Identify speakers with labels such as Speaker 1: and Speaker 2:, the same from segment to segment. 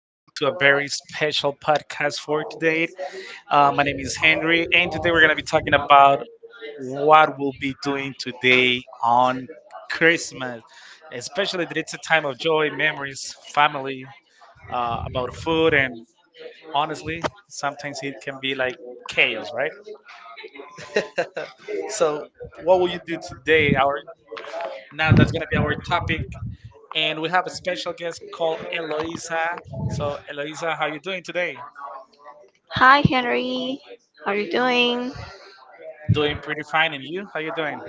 Speaker 1: Welcome to a very special podcast for
Speaker 2: Welcome to
Speaker 1: today.
Speaker 2: this
Speaker 1: My name is Henry, and today we're going to be talking about
Speaker 2: uh,
Speaker 1: what we'll be doing today on Christmas, especially that it's a time of
Speaker 2: show
Speaker 1: joy,
Speaker 2: event
Speaker 1: memories,
Speaker 2: by
Speaker 1: family,
Speaker 2: uh,
Speaker 1: about food, and honestly, sometimes it can be like
Speaker 2: Kale,
Speaker 1: chaos, right?
Speaker 2: right? So,
Speaker 1: So, what
Speaker 2: what we
Speaker 1: will you do today? Our Now
Speaker 2: now
Speaker 1: that's
Speaker 2: that's going
Speaker 1: gonna
Speaker 2: to
Speaker 1: be
Speaker 2: be our
Speaker 1: our topic, and we have a special guest called Eloisa.
Speaker 2: and so
Speaker 1: So, Eloisa, how you doing today?
Speaker 2: Hi, Henry. How are you doing? doing
Speaker 1: Doing pretty fine, and you? How you doing?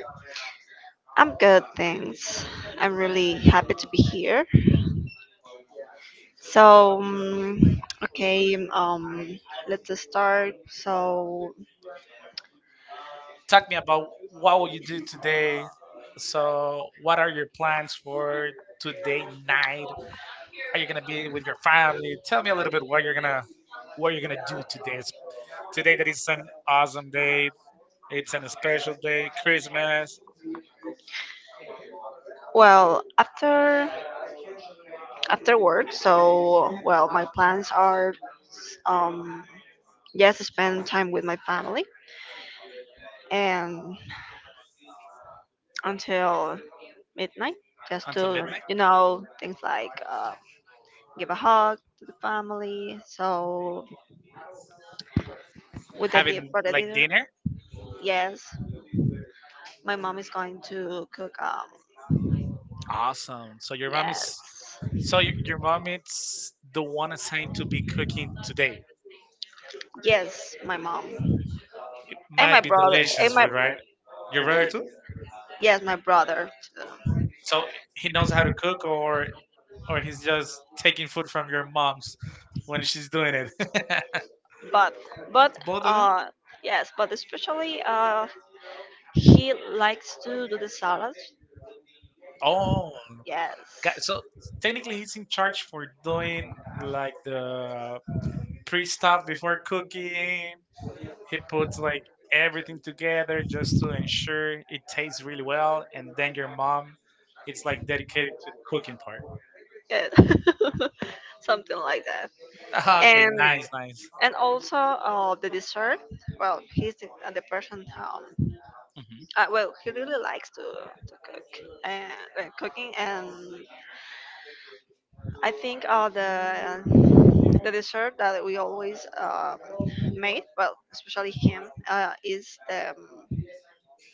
Speaker 2: I'm good, thanks. I'm really happy to be here. So, okay, let's start. So,
Speaker 1: Talk me about what will you do today. So, what are your plans for today night? Are you gonna be with your family? Tell me a little bit what you're gonna do today. Today that is an awesome day. It's an special day, Christmas
Speaker 2: well, after work, so well, my plans are um, just spend time with my family and until midnight just
Speaker 1: until
Speaker 2: to
Speaker 1: midnight.
Speaker 2: things like give a hug to the family so would that be a
Speaker 1: Having
Speaker 2: birthday
Speaker 1: like
Speaker 2: dinner
Speaker 1: dinner.
Speaker 2: yes my mom is going to cook
Speaker 1: Awesome.
Speaker 2: yes
Speaker 1: So your mom is the one assigned to be cooking today.
Speaker 2: yes my mom
Speaker 1: It
Speaker 2: and my
Speaker 1: might be
Speaker 2: brother and
Speaker 1: delicious
Speaker 2: my
Speaker 1: food, right? Your brother too.
Speaker 2: yes my brother too.
Speaker 1: So he knows how to cook, or he's just taking food from your mom's when she's doing it.
Speaker 2: but but
Speaker 1: Both of them.
Speaker 2: uh yes, but especially he likes to do the salads.
Speaker 1: Oh, got,
Speaker 2: Yes.
Speaker 1: so technically
Speaker 2: Yeah.
Speaker 1: he's in charge for doing like the pre stuff before cooking. He puts like everything together just to ensure it tastes really well, and then your mom it's like dedicated cooking part.
Speaker 2: Something like that.
Speaker 1: Okay,
Speaker 2: And
Speaker 1: nice, nice.
Speaker 2: and also the dessert. Well, he's the person.
Speaker 1: Hmm.
Speaker 2: Well, he really likes to, cook and cooking. And I think the dessert that we always made, well, especially him, is the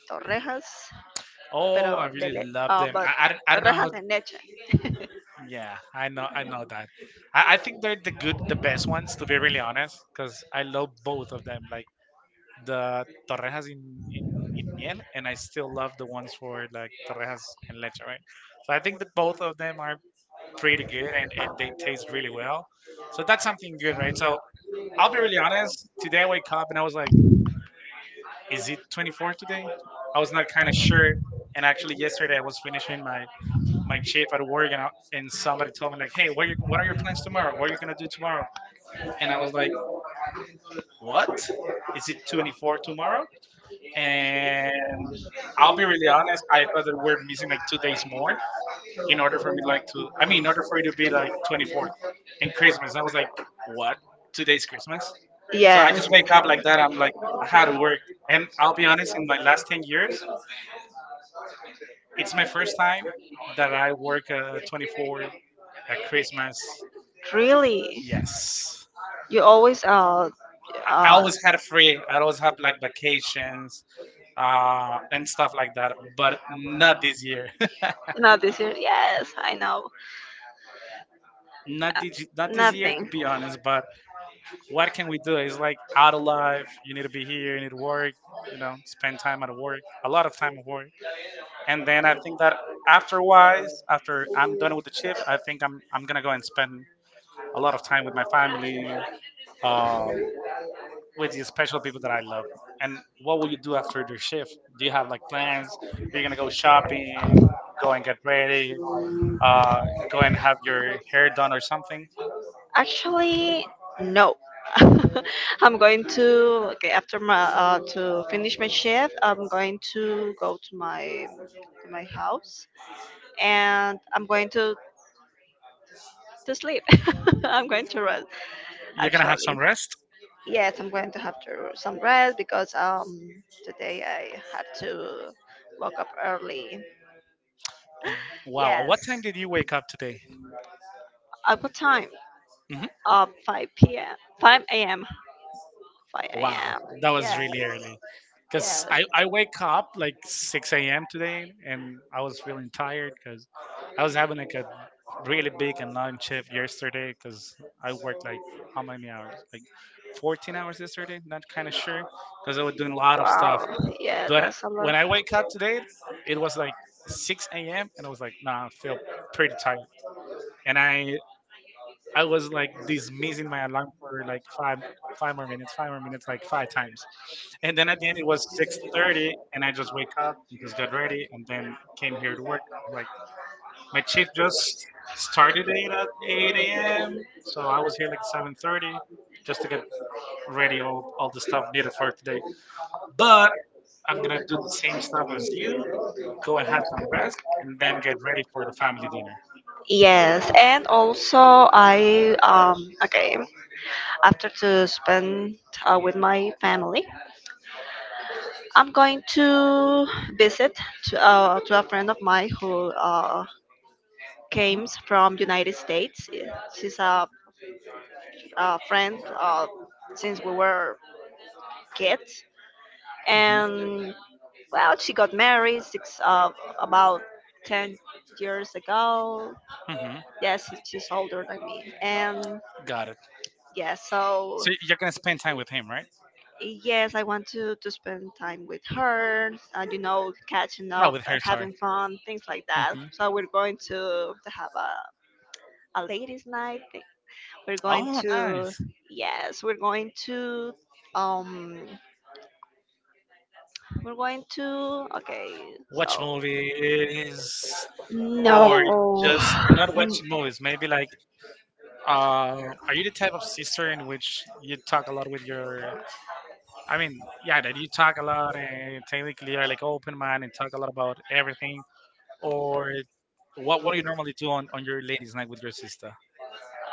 Speaker 2: torrejas,
Speaker 1: Oh, I really love them.
Speaker 2: but
Speaker 1: I don't know how.
Speaker 2: torrejas de leche.
Speaker 1: Yeah, I know that. I think they're the good, the best ones, to be really honest, because I love both of them. Like the torrejas in in miel, and I still love the ones for like torrejas and leche, right? So I think that both of them are pretty good, and they taste really well. So that's something good, right? So I'll be really honest. Today I wake up and I was like, "Is it 24 today?" I was not kind of sure. And actually, yesterday I was finishing my chief at work, and, and somebody told me like, "Hey,
Speaker 2: What
Speaker 1: what are
Speaker 2: are
Speaker 1: your
Speaker 2: your plans
Speaker 1: plans
Speaker 2: tomorrow?
Speaker 1: tomorrow? What are
Speaker 2: What?
Speaker 1: you gonna do tomorrow?" And I was like,
Speaker 2: What?
Speaker 1: "What?
Speaker 2: It's tomorrow,
Speaker 1: Is it 24 tomorrow?" And
Speaker 2: and
Speaker 1: I'll
Speaker 2: I'll
Speaker 1: be
Speaker 2: be
Speaker 1: really
Speaker 2: really
Speaker 1: honest,
Speaker 2: honest.
Speaker 1: I thought that we're missing like 2 days more in
Speaker 2: In
Speaker 1: order
Speaker 2: order
Speaker 1: for
Speaker 2: for
Speaker 1: me
Speaker 2: me,
Speaker 1: like
Speaker 2: like,
Speaker 1: to, I mean, in
Speaker 2: in
Speaker 1: order
Speaker 2: order
Speaker 1: for
Speaker 2: for
Speaker 1: it to be like
Speaker 2: like
Speaker 1: 24
Speaker 2: 24th.
Speaker 1: and Christmas. I was like, "What? 2 days
Speaker 2: I
Speaker 1: Christmas?" So
Speaker 2: Yeah.
Speaker 1: I
Speaker 2: So I
Speaker 1: just
Speaker 2: just made
Speaker 1: wake up like that. I'm
Speaker 2: like,
Speaker 1: like, I had
Speaker 2: half
Speaker 1: to work. And I'll be honest,
Speaker 2: some
Speaker 1: in my
Speaker 2: like
Speaker 1: last 10
Speaker 2: years.
Speaker 1: years, it's my first time that I work 24 at
Speaker 2: That's
Speaker 1: Christmas.
Speaker 2: 24th. Really?
Speaker 1: Yes.
Speaker 2: You always
Speaker 1: I
Speaker 2: uh
Speaker 1: always had free. I always have like vacations,
Speaker 2: Uh,
Speaker 1: and stuff like that. But not
Speaker 2: not
Speaker 1: this year.
Speaker 2: this year. Yes, I know. Nothing.
Speaker 1: Not this year, to
Speaker 2: Nothing.
Speaker 1: be honest.
Speaker 2: Nothing.
Speaker 1: But what can we do? It's like out of
Speaker 2: But like,
Speaker 1: life. You need to be here. You need to work. You know,
Speaker 2: spend
Speaker 1: spend
Speaker 2: time
Speaker 1: time
Speaker 2: at
Speaker 1: at work. A lot
Speaker 2: work.
Speaker 1: of time at work.
Speaker 2: And
Speaker 1: And then I think that afterwise,
Speaker 2: afterwards, after
Speaker 1: after I'm
Speaker 2: I'm
Speaker 1: done
Speaker 2: done
Speaker 1: with the shift, I think I'm gonna go and spend a
Speaker 2: a
Speaker 1: lot
Speaker 2: lot
Speaker 1: of
Speaker 2: of
Speaker 1: time
Speaker 2: time
Speaker 1: with
Speaker 2: with
Speaker 1: my
Speaker 2: my family,
Speaker 1: family.
Speaker 2: um,
Speaker 1: Um, with the special people that I love. And what will you do after your shift? Do you have like plans? Are you
Speaker 2: and
Speaker 1: gonna go shopping? Go
Speaker 2: go
Speaker 1: and
Speaker 2: and get,
Speaker 1: get ready.
Speaker 2: uh,
Speaker 1: Uh, Go
Speaker 2: go
Speaker 1: and
Speaker 2: and
Speaker 1: have
Speaker 2: have your
Speaker 1: your hair
Speaker 2: hair done
Speaker 1: done or
Speaker 2: or something.
Speaker 1: something.
Speaker 2: Actually, no. I'm going to okay after my to finish my shift. I'm going to go to my house, and I'm going to sleep. I'm going to rest,
Speaker 1: You're gonna have
Speaker 2: actually.
Speaker 1: some rest.
Speaker 2: Yes, I'm going to have to some rest because today I had to woke up early.
Speaker 1: Wow. At
Speaker 2: Yes.
Speaker 1: what time did you wake up today?
Speaker 2: At what time?
Speaker 1: Hmm.
Speaker 2: 5 p.m. 5 a.m. 5
Speaker 1: Wow,
Speaker 2: a.m.
Speaker 1: that was
Speaker 2: Yes.
Speaker 1: really early. Because
Speaker 2: Yes.
Speaker 1: I wake up like 6 a.m. today and I was feeling tired because I was having like a really big and long shift yesterday because I worked like how many hours? Like 14 hours yesterday? Not kind of sure because I was doing a lot of stuff.
Speaker 2: Wow. Yeah,
Speaker 1: But
Speaker 2: that's a
Speaker 1: when
Speaker 2: lot.
Speaker 1: I wake up today, it was like 6 a.m. and I was like, nah, I feel pretty tired. And I was like dismissing my alarm for like five more minutes, like five times. And then at the end it was six
Speaker 2: Dexter
Speaker 1: thirty and I just wake up
Speaker 2: cut
Speaker 1: and
Speaker 2: his
Speaker 1: just got
Speaker 2: judgment
Speaker 1: ready and then came here to work. Like my shift just started eight at eight AM. So I was here like 7:30 just to get ready all
Speaker 2: all the
Speaker 1: the
Speaker 2: stuff.
Speaker 1: stuff needed for today. But I'm gonna
Speaker 2: Do
Speaker 1: do
Speaker 2: the
Speaker 1: the
Speaker 2: same
Speaker 1: same
Speaker 2: stuff
Speaker 1: stuff as
Speaker 2: as
Speaker 1: you,
Speaker 2: you. Go
Speaker 1: go
Speaker 2: and
Speaker 1: and
Speaker 2: have
Speaker 1: have some
Speaker 2: some rest.
Speaker 1: rest and then get ready for the family dinner.
Speaker 2: Yes, and also I okay after to spend with my family, I'm going to visit to a friend of mine who
Speaker 1: Hmm.
Speaker 2: came from United States. Yeah, she's a friend since we were kids.
Speaker 1: Hmm.
Speaker 2: And well, she got married six, about 10 years ago.
Speaker 1: Hmm.
Speaker 2: Yes, she's older than me. And
Speaker 1: Got it.
Speaker 2: yeah, so
Speaker 1: So you're gonna spend time with him, right?
Speaker 2: yes, I want to spend time with her. Catching
Speaker 1: Not
Speaker 2: up,
Speaker 1: with her, sorry.
Speaker 2: having fun, things like that.
Speaker 1: Hmm.
Speaker 2: So we're going to have a ladies' night. We're going
Speaker 1: Oh,
Speaker 2: to
Speaker 1: nice.
Speaker 2: yes, we're going to um We're going to. Okay, watch
Speaker 1: Watch
Speaker 2: so,
Speaker 1: movies
Speaker 2: movies.
Speaker 1: or
Speaker 2: No,
Speaker 1: just
Speaker 2: just
Speaker 1: or not
Speaker 2: not watch movies.
Speaker 1: watching movies.
Speaker 2: Maybe
Speaker 1: Maybe
Speaker 2: like
Speaker 1: like,
Speaker 2: uh,
Speaker 1: are
Speaker 2: I
Speaker 1: you the
Speaker 2: need tell
Speaker 1: type of
Speaker 2: my sister
Speaker 1: sister in
Speaker 2: and
Speaker 1: which you
Speaker 2: talk.
Speaker 1: talk a lot with your? I
Speaker 2: I mean,
Speaker 1: mean,
Speaker 2: yeah,
Speaker 1: yeah, that you talk a lot
Speaker 2: yeah,
Speaker 1: and technically are like
Speaker 2: like,
Speaker 1: open mind and talk a lot about everything.
Speaker 2: or
Speaker 1: Or what? What do you normally do on your ladies' night with your sister?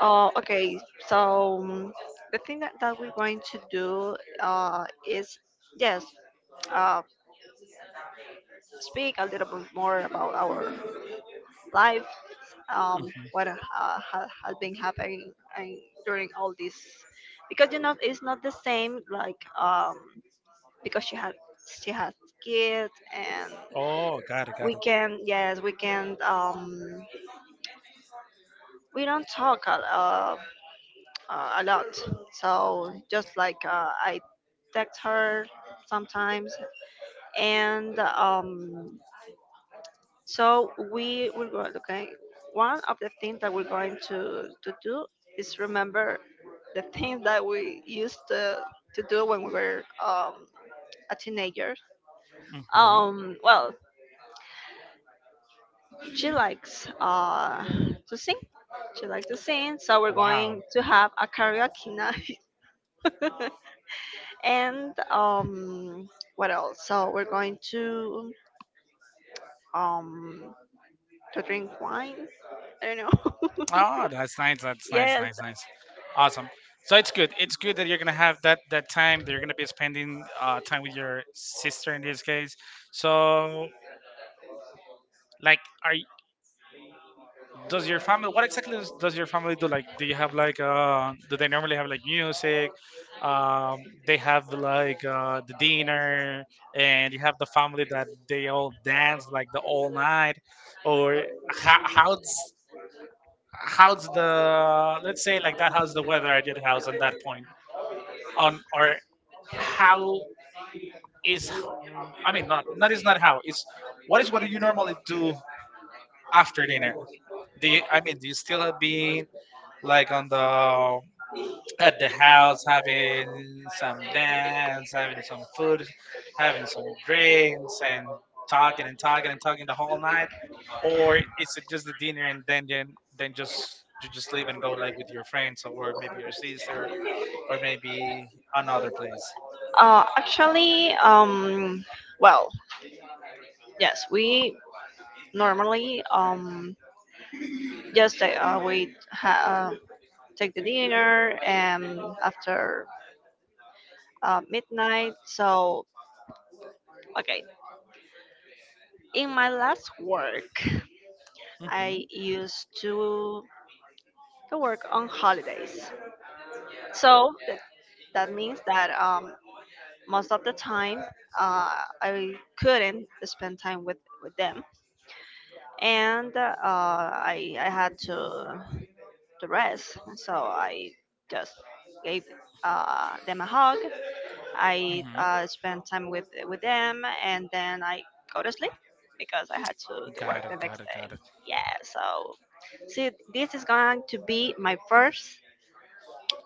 Speaker 2: Oh, okay. So the thing that, we're going to do is, yes, uh, speak a little bit more about our life, um,
Speaker 1: Mm-hmm.
Speaker 2: what has been happening and during all this, because you know it's not the same like because she has kids and
Speaker 1: Oh, got it, got
Speaker 2: we
Speaker 1: it.
Speaker 2: can yes we can we don't talk a lot so just like I text her sometimes and so we will go okay. One of the things that we're going to do is remember the things that we used to do when we were a teenager.
Speaker 1: Hmm.
Speaker 2: Well, she likes to sing. She likes to sing, so we're
Speaker 1: Wow.
Speaker 2: going to have a karaoke night. And what else? So we're going um, to drink wine. I don't know.
Speaker 1: Oh, that's nice. That's nice,
Speaker 2: Yes.
Speaker 1: nice, nice.
Speaker 2: Awesome.
Speaker 1: Awesome.
Speaker 2: So
Speaker 1: So
Speaker 2: it's
Speaker 1: it's
Speaker 2: good.
Speaker 1: good. It's
Speaker 2: It's good
Speaker 1: good that
Speaker 2: that we
Speaker 1: you're gonna
Speaker 2: can have
Speaker 1: have
Speaker 2: that,
Speaker 1: that
Speaker 2: time,
Speaker 1: time that
Speaker 2: the
Speaker 1: you're gonna be
Speaker 2: understanding,
Speaker 1: spending time
Speaker 2: time
Speaker 1: with
Speaker 2: with
Speaker 1: your
Speaker 2: your
Speaker 1: sister
Speaker 2: sister
Speaker 1: in
Speaker 2: these
Speaker 1: this
Speaker 2: days.
Speaker 1: case. So
Speaker 2: So
Speaker 1: like,
Speaker 2: does
Speaker 1: does your
Speaker 2: your
Speaker 1: family?
Speaker 2: family,
Speaker 1: What
Speaker 2: what
Speaker 1: exactly
Speaker 2: exactly does
Speaker 1: does your
Speaker 2: your
Speaker 1: family
Speaker 2: family do?
Speaker 1: do? Like,
Speaker 2: Like, do
Speaker 1: do you
Speaker 2: you have
Speaker 1: have
Speaker 2: like,
Speaker 1: like
Speaker 2: do
Speaker 1: do they
Speaker 2: they
Speaker 1: normally
Speaker 2: normally
Speaker 1: have
Speaker 2: have
Speaker 1: like
Speaker 2: like music?
Speaker 1: music?
Speaker 2: Um,
Speaker 1: Um, they
Speaker 2: they have
Speaker 1: have
Speaker 2: like
Speaker 1: like the
Speaker 2: dinner
Speaker 1: dinner,
Speaker 2: and
Speaker 1: and you
Speaker 2: you have
Speaker 1: have the
Speaker 2: the
Speaker 1: family
Speaker 2: family that
Speaker 1: that
Speaker 2: they
Speaker 1: they
Speaker 2: all
Speaker 1: all
Speaker 2: dance
Speaker 1: dance
Speaker 2: like
Speaker 1: like the
Speaker 2: the whole
Speaker 1: all
Speaker 2: night
Speaker 1: night,
Speaker 2: or
Speaker 1: or
Speaker 2: how,
Speaker 1: how
Speaker 2: how's, how's
Speaker 1: how's
Speaker 2: the,
Speaker 1: the, let's
Speaker 2: let's say
Speaker 1: say
Speaker 2: like
Speaker 1: like
Speaker 2: that,
Speaker 1: that,
Speaker 2: how's
Speaker 1: how's
Speaker 2: the
Speaker 1: the
Speaker 2: weather
Speaker 1: weather
Speaker 2: at
Speaker 1: at your
Speaker 2: your house
Speaker 1: house on
Speaker 2: at
Speaker 1: that
Speaker 2: that point?
Speaker 1: point
Speaker 2: On,
Speaker 1: on
Speaker 2: or
Speaker 1: or
Speaker 2: how
Speaker 1: how
Speaker 2: is
Speaker 1: is,
Speaker 2: I mean not that
Speaker 1: not
Speaker 2: is
Speaker 1: is
Speaker 2: not
Speaker 1: not
Speaker 2: how
Speaker 1: how
Speaker 2: it's what
Speaker 1: is
Speaker 2: is
Speaker 1: what
Speaker 2: what
Speaker 1: do
Speaker 2: do
Speaker 1: you
Speaker 2: you normally
Speaker 1: normally
Speaker 2: do
Speaker 1: do
Speaker 2: after
Speaker 1: after
Speaker 2: dinner?
Speaker 1: dinner?
Speaker 2: Do
Speaker 1: Do you
Speaker 2: you,
Speaker 1: I
Speaker 2: I
Speaker 1: mean,
Speaker 2: mean
Speaker 1: do you
Speaker 2: you still
Speaker 1: still be
Speaker 2: be like
Speaker 1: like
Speaker 2: on
Speaker 1: on
Speaker 2: the
Speaker 1: the at
Speaker 2: at the
Speaker 1: the house
Speaker 2: house having
Speaker 1: having
Speaker 2: some
Speaker 1: some
Speaker 2: dance,
Speaker 1: dance,
Speaker 2: having
Speaker 1: having
Speaker 2: some
Speaker 1: some
Speaker 2: food,
Speaker 1: food, having
Speaker 2: having some
Speaker 1: some
Speaker 2: drinks
Speaker 1: drinks,
Speaker 2: and
Speaker 1: and talking and talking and talking
Speaker 2: the
Speaker 1: the whole
Speaker 2: whole night
Speaker 1: night? Or is it just the dinner and then just you just leave and go like with your friends
Speaker 2: or
Speaker 1: or maybe your
Speaker 2: proceeds or
Speaker 1: sister or
Speaker 2: maybe
Speaker 1: maybe
Speaker 2: another
Speaker 1: another
Speaker 2: place.
Speaker 1: place.
Speaker 2: Actually, well, yes, we normally just take the dinner and after midnight. So okay, in my last work,
Speaker 1: Mm-hmm.
Speaker 2: I used to work on holidays. So that means that most of the time uh, I couldn't spend time with them, and I had to rest. So I just gave them a hug I
Speaker 1: Mm-hmm.
Speaker 2: spend time with them, and then I go to sleep because I had to work
Speaker 1: Got it.
Speaker 2: the next
Speaker 1: Got it.
Speaker 2: day.
Speaker 1: Got it.
Speaker 2: Yeah, so see, this is going to be my first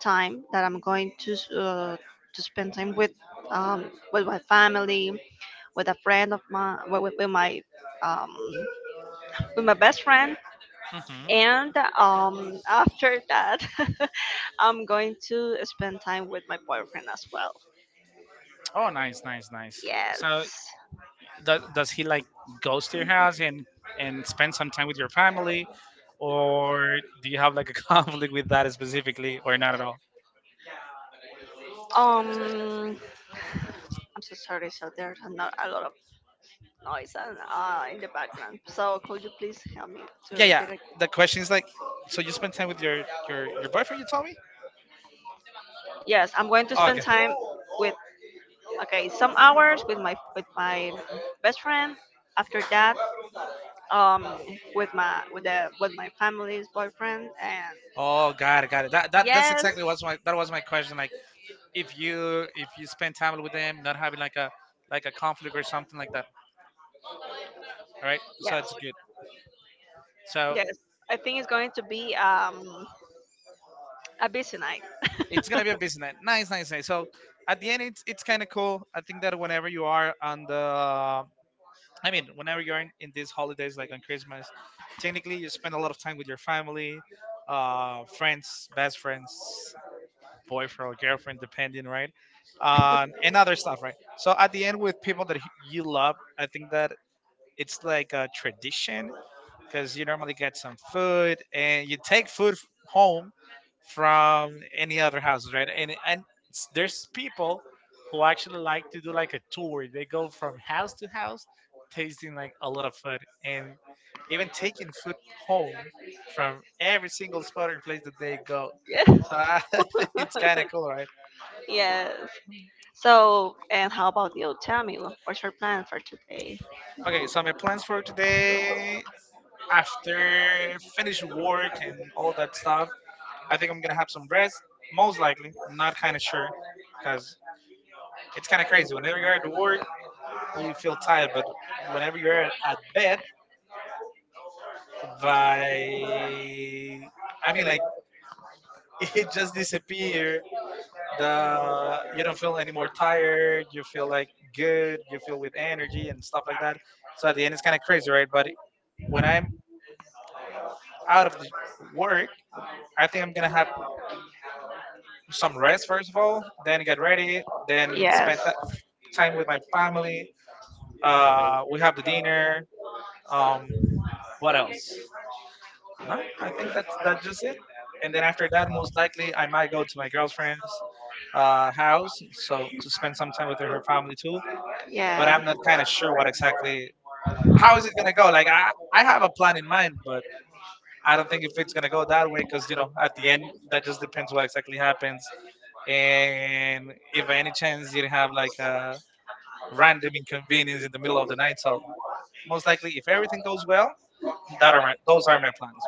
Speaker 2: time that I'm going to to spend time with um, my family, with a friend of mine, um, with my best friend,
Speaker 1: Mm-hmm.
Speaker 2: and after that, I'm going to spend time with my boyfriend as well.
Speaker 1: Oh, nice, nice, nice. So,
Speaker 2: Yes.
Speaker 1: does he like goes to your house and spend some time with your family, or do you have like a conflict with that specifically, or not at all?
Speaker 2: Um, I'm so sorry. So there's a, no- a lot of noise and in the background. So could you please help me to
Speaker 1: Yeah, yeah.
Speaker 2: repeat it?
Speaker 1: The question is like, so you spend time with your boyfriend? You told me.
Speaker 2: Yes, I'm going to spend
Speaker 1: Okay.
Speaker 2: time with okay some hours with my best friend. After that, um, with my family's boyfriend and
Speaker 1: Oh, got it, got it. That's
Speaker 2: yes,
Speaker 1: exactly what's my that was my question. Like, if you spend time with them, not having like a a conflict or something like that. All right, so
Speaker 2: Yes,
Speaker 1: it's good. So
Speaker 2: yes. I think it's going to be a busy night.
Speaker 1: it's gonna be a busy night. Nice, nice, nice. So at the end, it's kind of cool. I think that whenever you are on the, I mean, whenever you're in these holidays, like on Christmas, technically you spend a lot of time with your family, friends, best friends, boyfriend or girlfriend, depending, right? And other stuff, right? So at the end, with people that you love, I think that it's like a tradition because you normally get some food and you take home from any other houses, right? There's people who actually like to do like a tour. They go from house to house, tasting like a lot of food and even taking food home from every single spot or place that they go.
Speaker 2: Yes.
Speaker 1: So I think it's kind of cool, right?
Speaker 2: Yes. So, and how about you? Tell me, what's your plan for today?
Speaker 1: Okay, so my plans for today after finish work and all that stuff, I think I'm gonna have some rest, most likely. Not kind of sure, because it's kind of crazy. Whenever you're at work, you feel tired, but whenever you're at bed, by I mean like it just disappear. The You don't feel any more tired. You feel like good. You feel with energy and stuff like that. So at the end, it's kind of crazy, right? But when I'm out of the work, I think I'm gonna have some
Speaker 2: At
Speaker 1: rest
Speaker 2: first,
Speaker 1: first of all, then get ready,
Speaker 2: then
Speaker 1: then
Speaker 2: Yes, time
Speaker 1: time with my
Speaker 2: family.
Speaker 1: family.
Speaker 2: Uh,
Speaker 1: We have the dinner.
Speaker 2: um,
Speaker 1: Um,
Speaker 2: what
Speaker 1: what
Speaker 2: else?
Speaker 1: else?
Speaker 2: Uh,
Speaker 1: No,
Speaker 2: I
Speaker 1: I
Speaker 2: think
Speaker 1: think
Speaker 2: that's
Speaker 1: that's
Speaker 2: that's just
Speaker 1: just
Speaker 2: it.
Speaker 1: it.
Speaker 2: And
Speaker 1: And
Speaker 2: then
Speaker 1: then
Speaker 2: after
Speaker 1: after
Speaker 2: that,
Speaker 1: that,
Speaker 2: most
Speaker 1: most
Speaker 2: times
Speaker 1: likely I might go to my girlfriend's
Speaker 2: uh,
Speaker 1: house so to spend
Speaker 2: time
Speaker 1: some time
Speaker 2: with
Speaker 1: with her
Speaker 2: her family,
Speaker 1: family too.
Speaker 2: but Yeah.
Speaker 1: But I'm
Speaker 2: I'm
Speaker 1: not kind of
Speaker 2: not
Speaker 1: sure
Speaker 2: sure what
Speaker 1: what
Speaker 2: it
Speaker 1: exactly
Speaker 2: how
Speaker 1: how
Speaker 2: is
Speaker 1: is it gonna go. Like I have a plan in
Speaker 2: it
Speaker 1: mind, but I
Speaker 2: out of
Speaker 1: don't think if it's gonna go that way because you know at the end that just depends what exactly happens. And if by any chance you have like a
Speaker 2: and right
Speaker 1: random
Speaker 2: in
Speaker 1: inconvenience
Speaker 2: the
Speaker 1: in the middle
Speaker 2: middle of
Speaker 1: of the
Speaker 2: the night.
Speaker 1: night,
Speaker 2: So
Speaker 1: so
Speaker 2: most
Speaker 1: most likely if everything goes well,
Speaker 2: that around.
Speaker 1: Those are my plans.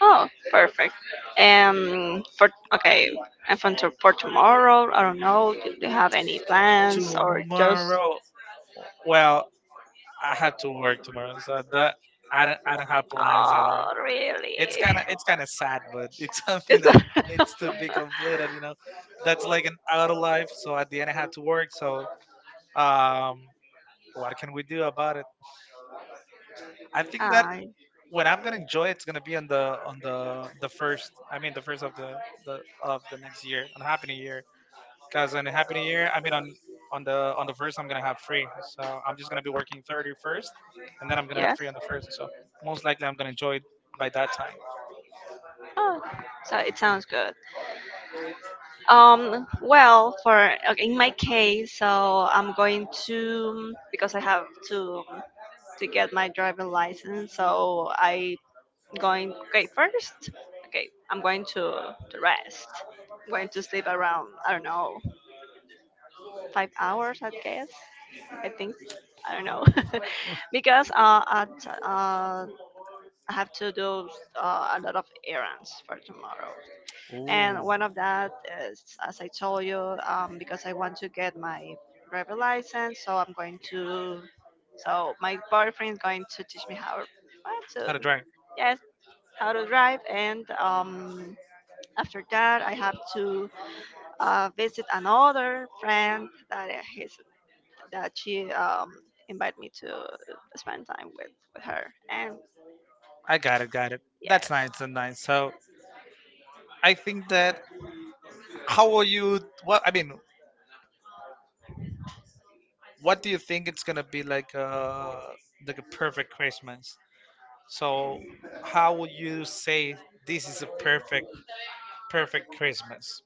Speaker 2: Oh, perfect. For okay, and for tomorrow, I don't know. Do you have any plans or just
Speaker 1: Tomorrow,
Speaker 2: Tomorrow.
Speaker 1: well, I have
Speaker 2: To
Speaker 1: to work tomorrow,
Speaker 2: So
Speaker 1: so
Speaker 2: that,
Speaker 1: that
Speaker 2: that
Speaker 1: I don't
Speaker 2: I,
Speaker 1: have
Speaker 2: do
Speaker 1: plans at all.
Speaker 2: Oh, really? It.
Speaker 1: It's
Speaker 2: It's kind
Speaker 1: kind
Speaker 2: of
Speaker 1: of it's kind of sad, but it's something
Speaker 2: it's
Speaker 1: that
Speaker 2: mixed two different
Speaker 1: needs to be
Speaker 2: feelings. You
Speaker 1: completed. You
Speaker 2: know?
Speaker 1: know,
Speaker 2: That's the
Speaker 1: that's
Speaker 2: life.
Speaker 1: like an outer life.
Speaker 2: So
Speaker 1: So at
Speaker 2: I
Speaker 1: the end, I have to
Speaker 2: work.
Speaker 1: work.
Speaker 2: So
Speaker 1: So um, what can we do about it?
Speaker 2: I
Speaker 1: I
Speaker 2: think
Speaker 1: think
Speaker 2: that's
Speaker 1: that
Speaker 2: I
Speaker 1: when I'm gonna enjoy it, it's gonna be on the on the
Speaker 2: the
Speaker 1: the first. I
Speaker 2: I mean
Speaker 1: mean, the
Speaker 2: of the
Speaker 1: first of the the of the
Speaker 2: next
Speaker 1: next
Speaker 2: year
Speaker 1: year. And happy new year.
Speaker 2: because
Speaker 1: Cause in a happy new year, I mean on
Speaker 2: on
Speaker 1: on
Speaker 2: the
Speaker 1: the on
Speaker 2: the
Speaker 1: the first I'm gonna have free. So I'm just gonna be working thirty
Speaker 2: year first,
Speaker 1: first
Speaker 2: and
Speaker 1: and
Speaker 2: then
Speaker 1: then
Speaker 2: I'm
Speaker 1: I'm gonna
Speaker 2: gonna
Speaker 1: have
Speaker 2: have yes.
Speaker 1: free
Speaker 2: Free
Speaker 1: on
Speaker 2: on the
Speaker 1: the first.
Speaker 2: first.
Speaker 1: So
Speaker 2: So
Speaker 1: most likely I'm gonna enjoy it by
Speaker 2: that
Speaker 1: that time.
Speaker 2: time. Oh, so it sounds good. Well, for okay, in my case, so I'm going to because I have to get my driving license. So I going okay first. Okay, I'm going to rest. I'm going to sleep around I don't know 5 hours. I guess I think I don't know because at, uh I have to do a lot of errands for tomorrow. And
Speaker 1: Ooh.
Speaker 2: one of that is as I told you because I want to get my driver license so I'm going to so my boyfriend is going to teach me how
Speaker 1: How to
Speaker 2: to
Speaker 1: drink.
Speaker 2: yes how to drive and after that I have to visit another friend that his that she invited me to spend time with her and
Speaker 1: Got it.
Speaker 2: yes.
Speaker 1: That's nice and nice. So I think that how will you what I mean, what do you think it's gonna be like a perfect Christmas?
Speaker 2: So,
Speaker 1: So how
Speaker 2: how
Speaker 1: would
Speaker 2: would you
Speaker 1: you
Speaker 2: say
Speaker 1: say
Speaker 2: this
Speaker 1: this
Speaker 2: is
Speaker 1: is a
Speaker 2: a
Speaker 1: perfect Christmas?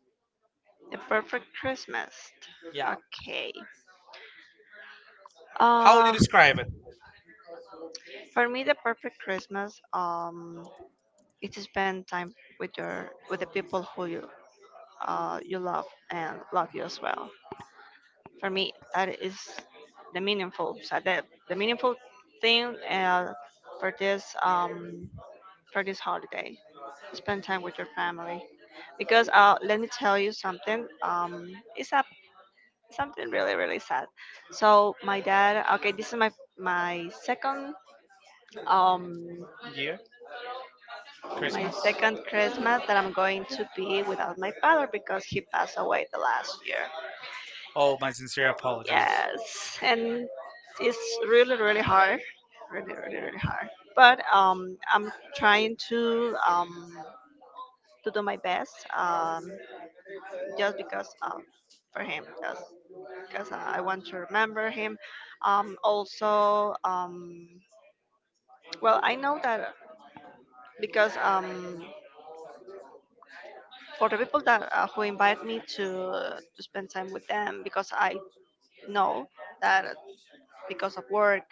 Speaker 2: The perfect Christmas.
Speaker 1: Yeah.
Speaker 2: Yeah? Okay. How would
Speaker 1: How would you
Speaker 2: You
Speaker 1: describe
Speaker 2: describe?
Speaker 1: it?
Speaker 2: For me, the perfect Christmas is to spend time with the people who you love and love you as well. For me, that is the meaningful so the meaningful thing for this, holiday. Spend time with your family because let me tell you something it's something really really sad. So my dad okay this is my second um
Speaker 1: Yeah,
Speaker 2: Yeah. My Christmas.
Speaker 1: Christmas?
Speaker 2: Second Christmas that I'm going to be without my father because he passed away the last year.
Speaker 1: Oh,
Speaker 2: Oh,
Speaker 1: my
Speaker 2: my
Speaker 1: sincere
Speaker 2: sincere apologies.
Speaker 1: apologies.
Speaker 2: Yes, and it's really really hard really really really hard, but I'm trying to do my best just because for him just because I want to remember him. Also, well, I know that because for the people that who invite me to spend time with them, because I know that because of work,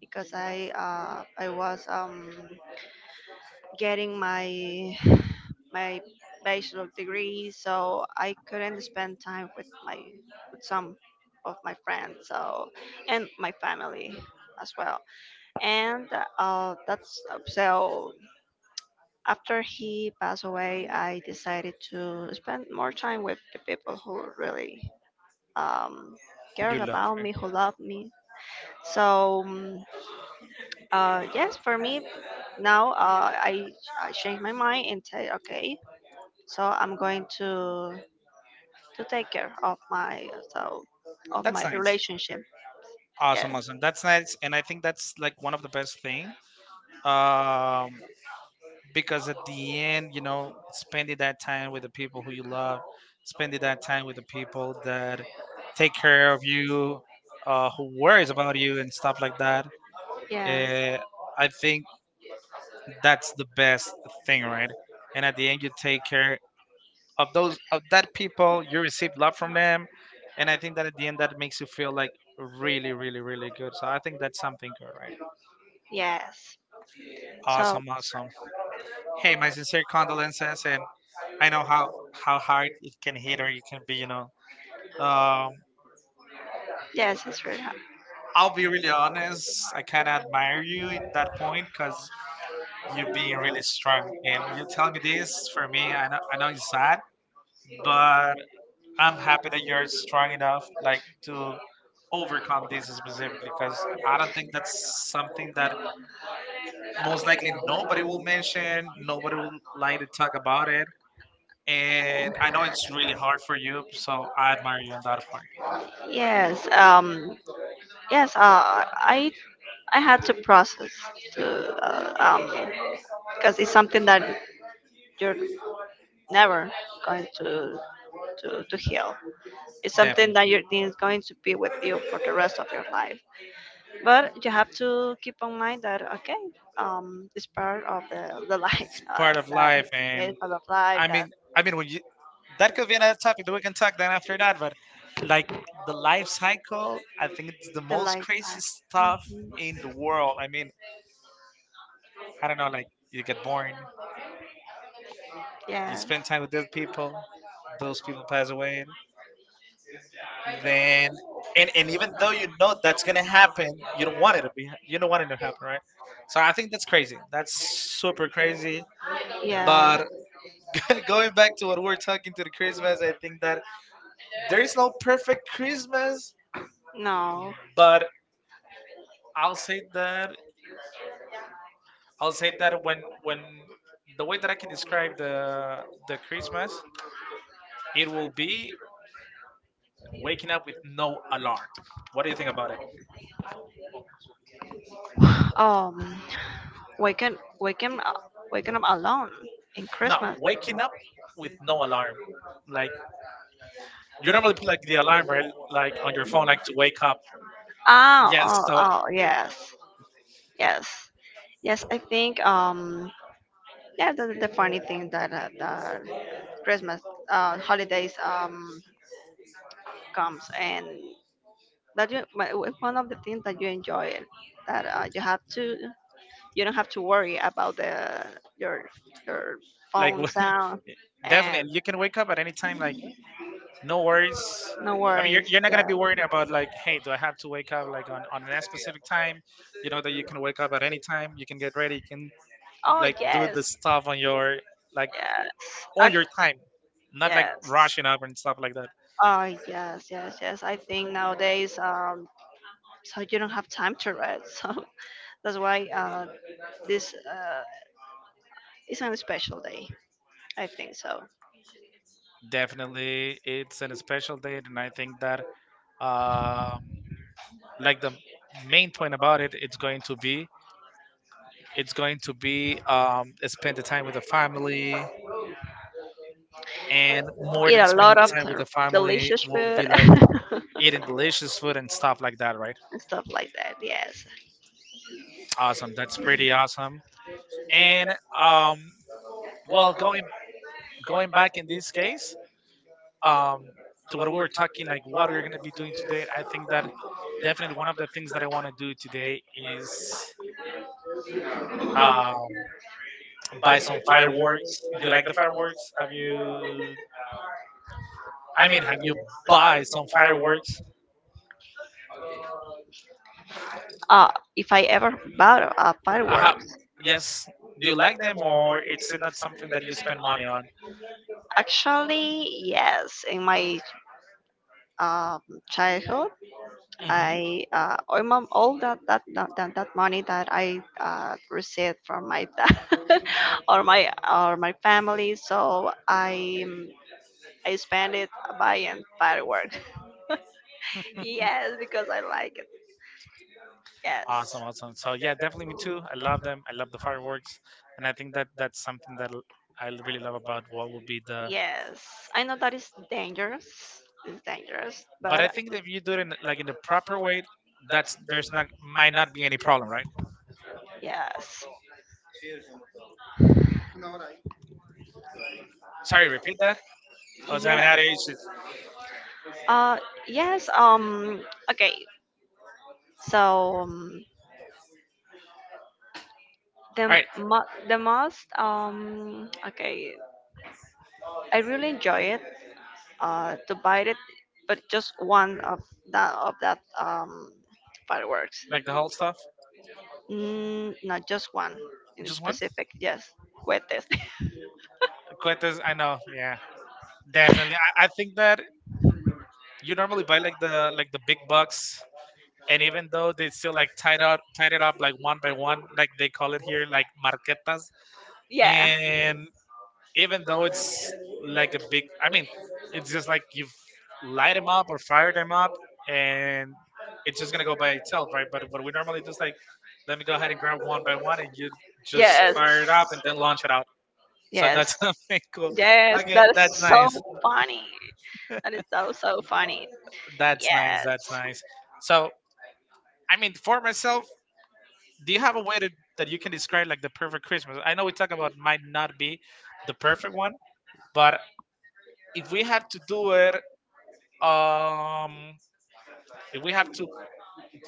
Speaker 2: because I was getting my my bachelor degree, so I couldn't spend time with some of my friends, so and my family as well. And that's so after he passed away, I decided to spend more time with the people who really um,
Speaker 1: You
Speaker 2: cared
Speaker 1: love
Speaker 2: about
Speaker 1: her.
Speaker 2: me, who loved me. So yes, for me now, I changed my mind and say, okay, so I'm going to take care of my, of
Speaker 1: That's
Speaker 2: my
Speaker 1: nice.
Speaker 2: relationship.
Speaker 1: Awesome,
Speaker 2: Yes.
Speaker 1: awesome. That's nice, and I think that's like one of the best thing. Um, because at the end, you know, spending that time with the people who you love, spending that time with the people that take care of you, who worries about you and stuff like that.
Speaker 2: Yeah.
Speaker 1: Uh, I think that's the best thing, right? And at the end, you take care of those of that people you receive love from them, and I think that at the end that makes you feel like really, really, really good. So I think that's something good, right?
Speaker 2: Yes. So
Speaker 1: Awesome, awesome. Hey, my sincere condolences, and I know how hard it can hit or it can be, um
Speaker 2: yes, it's really hard.
Speaker 1: I'll be really honest, I kind of admire you at that point because you're being really
Speaker 2: Yes.
Speaker 1: strong and you tell me this. For me, I know it's sad, but I'm happy that you're strong enough like to overcome this specifically because I don't think that's something that most likely nobody will mention, nobody will like to talk about it. And I know it's really hard for you, so I admire you on that part.
Speaker 2: Um. Yes. I had to process, to uh, um because it's something that you're never going to heal. It's something that
Speaker 1: Definitely.
Speaker 2: you're is going to be with you for the rest of your life. But you have to keep in mind that, okay, it's part of the life,
Speaker 1: Part of life.
Speaker 2: that
Speaker 1: And
Speaker 2: it's part of life,
Speaker 1: I
Speaker 2: that
Speaker 1: mean I mean when you, that could be another topic that we can talk then after that, but like the life cycle, I think it's the
Speaker 2: the
Speaker 1: most
Speaker 2: life.
Speaker 1: crazy stuff
Speaker 2: mm,
Speaker 1: in the world. I mean, I don't know, like you get born, you spend time with those people pass away. Then, and even though you know
Speaker 2: Yeah.
Speaker 1: that's gonna happen, you
Speaker 2: You
Speaker 1: don't
Speaker 2: don't want
Speaker 1: want it
Speaker 2: it
Speaker 1: to
Speaker 2: to be.
Speaker 1: be, you
Speaker 2: You
Speaker 1: don't
Speaker 2: don't want
Speaker 1: want it
Speaker 2: it
Speaker 1: to
Speaker 2: to happen,
Speaker 1: happen, right?
Speaker 2: right?
Speaker 1: So I think that's crazy. That's super crazy.
Speaker 2: So. Yeah.
Speaker 1: But
Speaker 2: But
Speaker 1: going back to what we're talking to the Christmas, I think that there
Speaker 2: there is
Speaker 1: is no
Speaker 2: no
Speaker 1: perfect
Speaker 2: business.
Speaker 1: Christmas,
Speaker 2: No. But
Speaker 1: but I'll say that I'll say that when the way that I can describe the Christmas, it will be
Speaker 2: wait,
Speaker 1: waking up with no alarm. What
Speaker 2: what
Speaker 1: do
Speaker 2: do
Speaker 1: you
Speaker 2: you
Speaker 1: think
Speaker 2: think about
Speaker 1: about
Speaker 2: it?
Speaker 1: it?
Speaker 2: Um, waking up alone in, no,
Speaker 1: No,
Speaker 2: Christmas. Wake
Speaker 1: waking up
Speaker 2: with
Speaker 1: with
Speaker 2: no
Speaker 1: no
Speaker 2: alarm,
Speaker 1: alarm.
Speaker 2: like,
Speaker 1: Like you normally put like the alarm
Speaker 2: remember,
Speaker 1: right,
Speaker 2: like
Speaker 1: like
Speaker 2: on
Speaker 1: on your
Speaker 2: your phone,
Speaker 1: phone,
Speaker 2: like.
Speaker 1: like to wake up.
Speaker 2: Oh, yes.
Speaker 1: Yes,
Speaker 2: Oh, So,
Speaker 1: so
Speaker 2: yes, yes, yes. I think yeah, that's the funny thing that, that Christmas, holidays comes, and that you, one of the things that you enjoy it, that you have to, you don't have to worry about the your your
Speaker 1: like
Speaker 2: phone sound,
Speaker 1: definitely,
Speaker 2: and
Speaker 1: and you can wake up at any time. Like no worries.
Speaker 2: no
Speaker 1: I mean,
Speaker 2: worries.
Speaker 1: you're not gonna be worrying about like, hey, do I have to wake up like on a specific time? You know that you can wake up at any time. You can get ready. You can
Speaker 2: Oh
Speaker 1: like do
Speaker 2: yes,
Speaker 1: the
Speaker 2: yes,
Speaker 1: stuff on your like on your
Speaker 2: ac-
Speaker 1: time, not like
Speaker 2: yes.
Speaker 1: rushing up and stuff like that.
Speaker 2: Oh yes, yes, yes. I think nowadays, so you don't have time to read. So that's why, this is a special day. I think so.
Speaker 1: Definitely, it's an special date, and I think that um like the main point about it it's going to be spend the time with the family, and more
Speaker 2: Eat
Speaker 1: than
Speaker 2: a lot
Speaker 1: spending
Speaker 2: of
Speaker 1: time with the family
Speaker 2: delicious
Speaker 1: will be
Speaker 2: food
Speaker 1: like eating delicious food and stuff like that, right?
Speaker 2: and stuff like that. Yes.
Speaker 1: Awesome, that's pretty awesome. And um well, going back in this case, um to what we were talking, like what we're going to be doing today, I think that definitely one of the things that I want to do today is um buy some
Speaker 2: Fireworks.
Speaker 1: fireworks.
Speaker 2: Do
Speaker 1: Do
Speaker 2: you
Speaker 1: you
Speaker 2: like
Speaker 1: like
Speaker 2: the
Speaker 1: the
Speaker 2: fireworks?
Speaker 1: fireworks? Have
Speaker 2: You,
Speaker 1: you,
Speaker 2: I
Speaker 1: I
Speaker 2: mean,
Speaker 1: mean, have you
Speaker 2: buy
Speaker 1: buy some
Speaker 2: fireworks.
Speaker 1: fireworks?
Speaker 2: Uh, if I ever bought a, uh-huh,
Speaker 1: I have,
Speaker 2: firework.
Speaker 1: yes.
Speaker 2: Do
Speaker 1: Do
Speaker 2: you
Speaker 1: you
Speaker 2: like
Speaker 1: like
Speaker 2: them,
Speaker 1: them
Speaker 2: or
Speaker 1: or
Speaker 2: is it
Speaker 1: it's not
Speaker 2: something
Speaker 1: something that
Speaker 2: that you
Speaker 1: you
Speaker 2: spend
Speaker 1: spend
Speaker 2: money
Speaker 1: money
Speaker 2: on?
Speaker 1: on?
Speaker 2: Actually, yes. In my, um, childhood,
Speaker 1: Hmm.
Speaker 2: I all, my, all that, that money that I received from my dad, or my or my family, so I, I spend it buying fireworks. Yes, because I like. Yes.
Speaker 1: Awesome, awesome. So yeah, definitely me too. I love them. I love the fireworks, and I think that that's something that l- I really love about what would be the.
Speaker 2: Yes, I know that is dangerous. It's dangerous,
Speaker 1: But I
Speaker 2: but
Speaker 1: think that if you do it in, like in the proper way, that's there's not might not be any problem, right?
Speaker 2: yes.
Speaker 1: Sorry, repeat that. I was
Speaker 2: Yeah.
Speaker 1: having audio issues.
Speaker 2: Uh, yes. Okay. So, the
Speaker 1: All right,
Speaker 2: most Okay. I really enjoy it. To buy it, but just one of that, of that fireworks.
Speaker 1: like the whole stuff.
Speaker 2: Not just one in
Speaker 1: Just one.
Speaker 2: specific. Yes, cohetes.
Speaker 1: Cuetas, I know. Yeah,
Speaker 2: Yeah.
Speaker 1: definitely. I think that you normally buy like the big bucks, and even though they still like tied it up like one by one, like they call it here, like marquetas.
Speaker 2: Yes. Yes.
Speaker 1: And even though it's like a big, I mean, it's just like you've light them up or fire them up, and it's just gonna go by itself, right? But what we normally do is like, let me go ahead and grab one by one, and you just fire it up and then launch it out. So that's something cool.
Speaker 2: Yes.
Speaker 1: Okay,
Speaker 2: That is
Speaker 1: that's nice.
Speaker 2: so funny. That is so funny.
Speaker 1: That's nice.
Speaker 2: Yes.
Speaker 1: That's nice. So I mean, for myself, do you have a way to, that you can describe like the perfect Christmas? I know we talk about might not be the perfect one, but if we had to do it, um, if we have to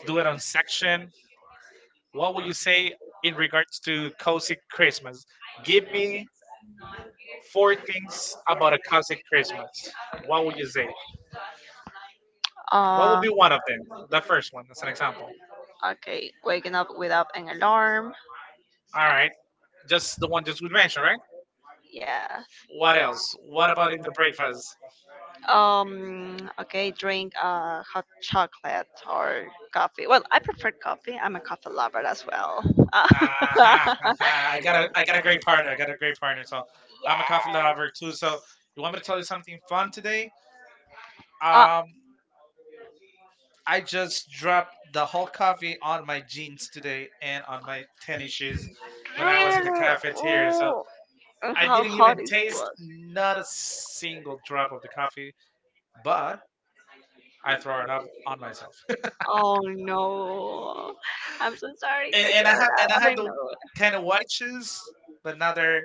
Speaker 1: do it on section, what would you say in regards to
Speaker 2: Cozy
Speaker 1: cozy
Speaker 2: Christmas.
Speaker 1: Christmas? Give
Speaker 2: Give me
Speaker 1: me
Speaker 2: four
Speaker 1: four
Speaker 2: things
Speaker 1: things about
Speaker 2: about
Speaker 1: a
Speaker 2: a
Speaker 1: cozy
Speaker 2: cozy Christmas.
Speaker 1: Christmas. What
Speaker 2: What
Speaker 1: would
Speaker 2: would
Speaker 1: you
Speaker 2: you say?
Speaker 1: say?
Speaker 2: What
Speaker 1: What
Speaker 2: would,
Speaker 1: would
Speaker 2: Be
Speaker 1: be one
Speaker 2: one of
Speaker 1: of them?
Speaker 2: them?
Speaker 1: The
Speaker 2: The first
Speaker 1: first
Speaker 2: one,
Speaker 1: one,
Speaker 2: as
Speaker 1: as
Speaker 2: an
Speaker 1: an
Speaker 2: example.
Speaker 1: example.
Speaker 2: Okay, waking up without an alarm.
Speaker 1: All
Speaker 2: All right,
Speaker 1: right,
Speaker 2: just
Speaker 1: just
Speaker 2: the
Speaker 1: the
Speaker 2: one
Speaker 1: one
Speaker 2: just
Speaker 1: just we
Speaker 2: we
Speaker 1: mentioned,
Speaker 2: mentioned,
Speaker 1: right?
Speaker 2: right? Yes.
Speaker 1: What
Speaker 2: What
Speaker 1: else?
Speaker 2: else?
Speaker 1: What
Speaker 2: What
Speaker 1: about
Speaker 2: about
Speaker 1: it
Speaker 2: in
Speaker 1: the
Speaker 2: the breakfast?
Speaker 1: breakfast?
Speaker 2: Okay, drink hot chocolate or coffee. Well, I prefer coffee. I'm a coffee lover as well. Uh,
Speaker 1: Ah, ha, ha, ha.
Speaker 2: I got a,
Speaker 1: I got a
Speaker 2: a
Speaker 1: great
Speaker 2: great
Speaker 1: partner.
Speaker 2: partner.
Speaker 1: I
Speaker 2: I
Speaker 1: got
Speaker 2: got
Speaker 1: a
Speaker 2: a
Speaker 1: great
Speaker 2: great
Speaker 1: partner.
Speaker 2: partner. So
Speaker 1: So
Speaker 2: I'm
Speaker 1: I'm a coffee
Speaker 2: a
Speaker 1: lover
Speaker 2: couple, yes.
Speaker 1: too. So you
Speaker 2: You
Speaker 1: want
Speaker 2: want
Speaker 1: me to
Speaker 2: me to
Speaker 1: tell
Speaker 2: tell
Speaker 1: you
Speaker 2: you something
Speaker 1: something fun today?
Speaker 2: today? Uh.
Speaker 1: Um,
Speaker 2: Um,
Speaker 1: I just dropped the whole coffee on my jeans
Speaker 2: things today
Speaker 1: today
Speaker 2: and
Speaker 1: and on
Speaker 2: on my
Speaker 1: my
Speaker 2: tennis
Speaker 1: tennis shoes
Speaker 2: shoes when
Speaker 1: when I was
Speaker 2: I was
Speaker 1: in
Speaker 2: in
Speaker 1: the
Speaker 2: the
Speaker 1: cafeteria.
Speaker 2: cafeteria.
Speaker 1: So
Speaker 2: So, and I
Speaker 1: I
Speaker 2: how
Speaker 1: didn't
Speaker 2: didn't hot
Speaker 1: even
Speaker 2: even it taste
Speaker 1: taste
Speaker 2: was.
Speaker 1: not a single
Speaker 2: The
Speaker 1: drop
Speaker 2: cup
Speaker 1: of
Speaker 2: of
Speaker 1: the
Speaker 2: the cup,
Speaker 1: coffee, but
Speaker 2: but
Speaker 1: I
Speaker 2: I throw
Speaker 1: throw it
Speaker 2: it
Speaker 1: up on
Speaker 2: up myself.
Speaker 1: myself.
Speaker 2: Oh no. I'm so sorry to,
Speaker 1: and
Speaker 2: And,
Speaker 1: and
Speaker 2: and I hear
Speaker 1: I
Speaker 2: have
Speaker 1: have and I
Speaker 2: that. I
Speaker 1: have
Speaker 2: another,
Speaker 1: the
Speaker 2: know.
Speaker 1: kind of white shoes, but now
Speaker 2: Another
Speaker 1: they're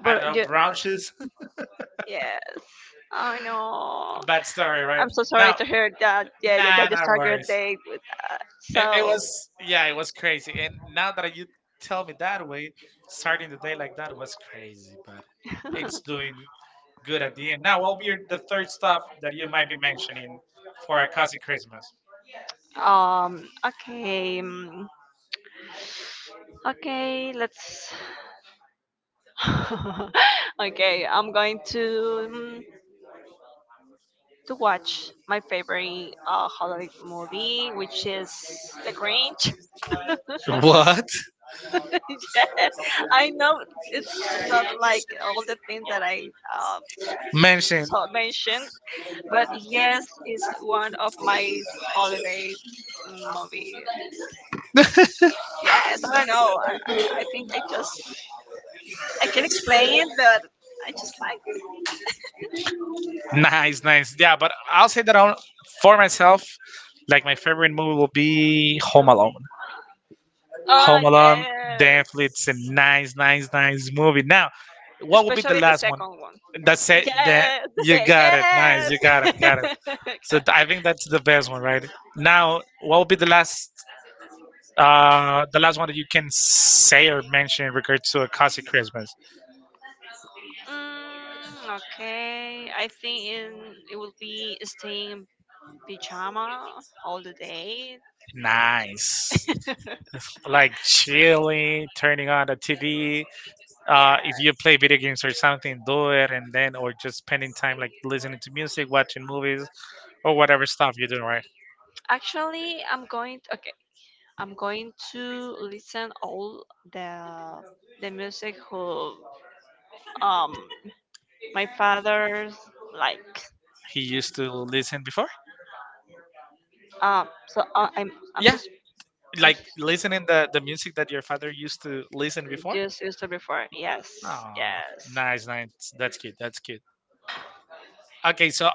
Speaker 2: I
Speaker 1: I don't
Speaker 2: But know,
Speaker 1: know brown shoes.
Speaker 2: yes. I know. Bad
Speaker 1: Bad story,
Speaker 2: story, right?
Speaker 1: right?
Speaker 2: I'm so sorry.
Speaker 1: No,
Speaker 2: Now, to hear that. Yeah, yeah, nah,
Speaker 1: nah,
Speaker 2: that you no
Speaker 1: no
Speaker 2: start your worries
Speaker 1: worries.
Speaker 2: day with that. It so was,
Speaker 1: Yeah, it was crazy. And now that you tell me that way,
Speaker 2: sorry,
Speaker 1: starting the day like that
Speaker 2: that
Speaker 1: was
Speaker 2: was
Speaker 1: crazy, but
Speaker 2: crazy.
Speaker 1: it's
Speaker 2: It's doing
Speaker 1: doing good
Speaker 2: good
Speaker 1: at
Speaker 2: at
Speaker 1: the
Speaker 2: the
Speaker 1: end.
Speaker 2: end.
Speaker 1: Now,
Speaker 2: Now,
Speaker 1: what will
Speaker 2: what will
Speaker 1: be
Speaker 2: be
Speaker 1: your, the
Speaker 2: the
Speaker 1: third
Speaker 2: third
Speaker 1: stuff
Speaker 2: stuff
Speaker 1: that you might be
Speaker 2: you're
Speaker 1: mentioning
Speaker 2: mentioning
Speaker 1: for
Speaker 2: for
Speaker 1: a
Speaker 2: a
Speaker 1: cozy
Speaker 2: charisma?
Speaker 1: Christmas?
Speaker 2: Okay. Okay. Let's. Okay. I'm going mm, to watch my favorite holiday movie, which is The Grinch.
Speaker 1: What?
Speaker 2: Yeah. I know it's not like all the things that I, uh, mentioning.
Speaker 1: Mention.
Speaker 2: Mentioned, but yes, it's one of my holiday movie. Yes, I don't know. I think I just, I can explain it, but I just like it. Nice.
Speaker 1: Nice,
Speaker 2: I
Speaker 1: nice. Yeah, but I'll say
Speaker 2: think
Speaker 1: that
Speaker 2: that
Speaker 1: on,
Speaker 2: I'll, for
Speaker 1: for myself,
Speaker 2: myself,
Speaker 1: like my
Speaker 2: my
Speaker 1: favorite
Speaker 2: favorite
Speaker 1: movie
Speaker 2: movie
Speaker 1: will
Speaker 2: will be
Speaker 1: be
Speaker 2: Home
Speaker 1: Home Alone.
Speaker 2: Alone. Oh, Home
Speaker 1: Home
Speaker 2: Alone.
Speaker 1: Alone,
Speaker 2: Yes. Yes. What will
Speaker 1: definitely,
Speaker 2: be,
Speaker 1: it's a nice, nice, nice movie. Now, what would be the
Speaker 2: especially the last
Speaker 1: last
Speaker 2: one?
Speaker 1: one?
Speaker 2: Second one.
Speaker 1: That's
Speaker 2: That's it.
Speaker 1: it.
Speaker 2: Yeah.
Speaker 1: That
Speaker 2: Yes, the you
Speaker 1: you
Speaker 2: say got it.
Speaker 1: got
Speaker 2: Nice.
Speaker 1: it. Nice.
Speaker 2: Yes.
Speaker 1: You got
Speaker 2: You got
Speaker 1: it.
Speaker 2: it. You
Speaker 1: Got it.
Speaker 2: got it.
Speaker 1: So th-
Speaker 2: I
Speaker 1: I
Speaker 2: think
Speaker 1: think
Speaker 2: that's
Speaker 1: that's the
Speaker 2: the best
Speaker 1: best one,
Speaker 2: one. Right?
Speaker 1: right?
Speaker 2: Now,
Speaker 1: Now, what
Speaker 2: what
Speaker 1: will
Speaker 2: will
Speaker 1: be
Speaker 2: be the last, uh,
Speaker 1: the
Speaker 2: the last
Speaker 1: last one
Speaker 2: one
Speaker 1: that
Speaker 2: that
Speaker 1: you
Speaker 2: you
Speaker 1: can
Speaker 2: can say
Speaker 1: say
Speaker 2: or
Speaker 1: or mention
Speaker 2: mention in
Speaker 1: in
Speaker 2: regards
Speaker 1: regards to
Speaker 2: to
Speaker 1: a
Speaker 2: a classic
Speaker 1: classic
Speaker 2: Christmas?
Speaker 1: Christmas?
Speaker 2: Okay, I think in, it will be staying pajama all the day.
Speaker 1: Nice. Like chilling, turning on the TV.
Speaker 2: Yeah.
Speaker 1: If you play video games or something, do it, and then or just spending time like
Speaker 2: Like,
Speaker 1: listening to music, watching movies, or
Speaker 2: or whatever.
Speaker 1: whatever stuff you're doing. Right?
Speaker 2: Actually, I'm going to, okay. I'm going to listen all the the music who, um my father's, like,
Speaker 1: He used to listen before.
Speaker 2: I'm Yeah,
Speaker 1: Yeah,
Speaker 2: just. Like,
Speaker 1: like listening
Speaker 2: listening the
Speaker 1: the
Speaker 2: the
Speaker 1: music that your father used to listen before?
Speaker 2: just used to before. Yes.
Speaker 1: Oh,
Speaker 2: Yes.
Speaker 1: nice, nice. That's good. That's good. Okay, so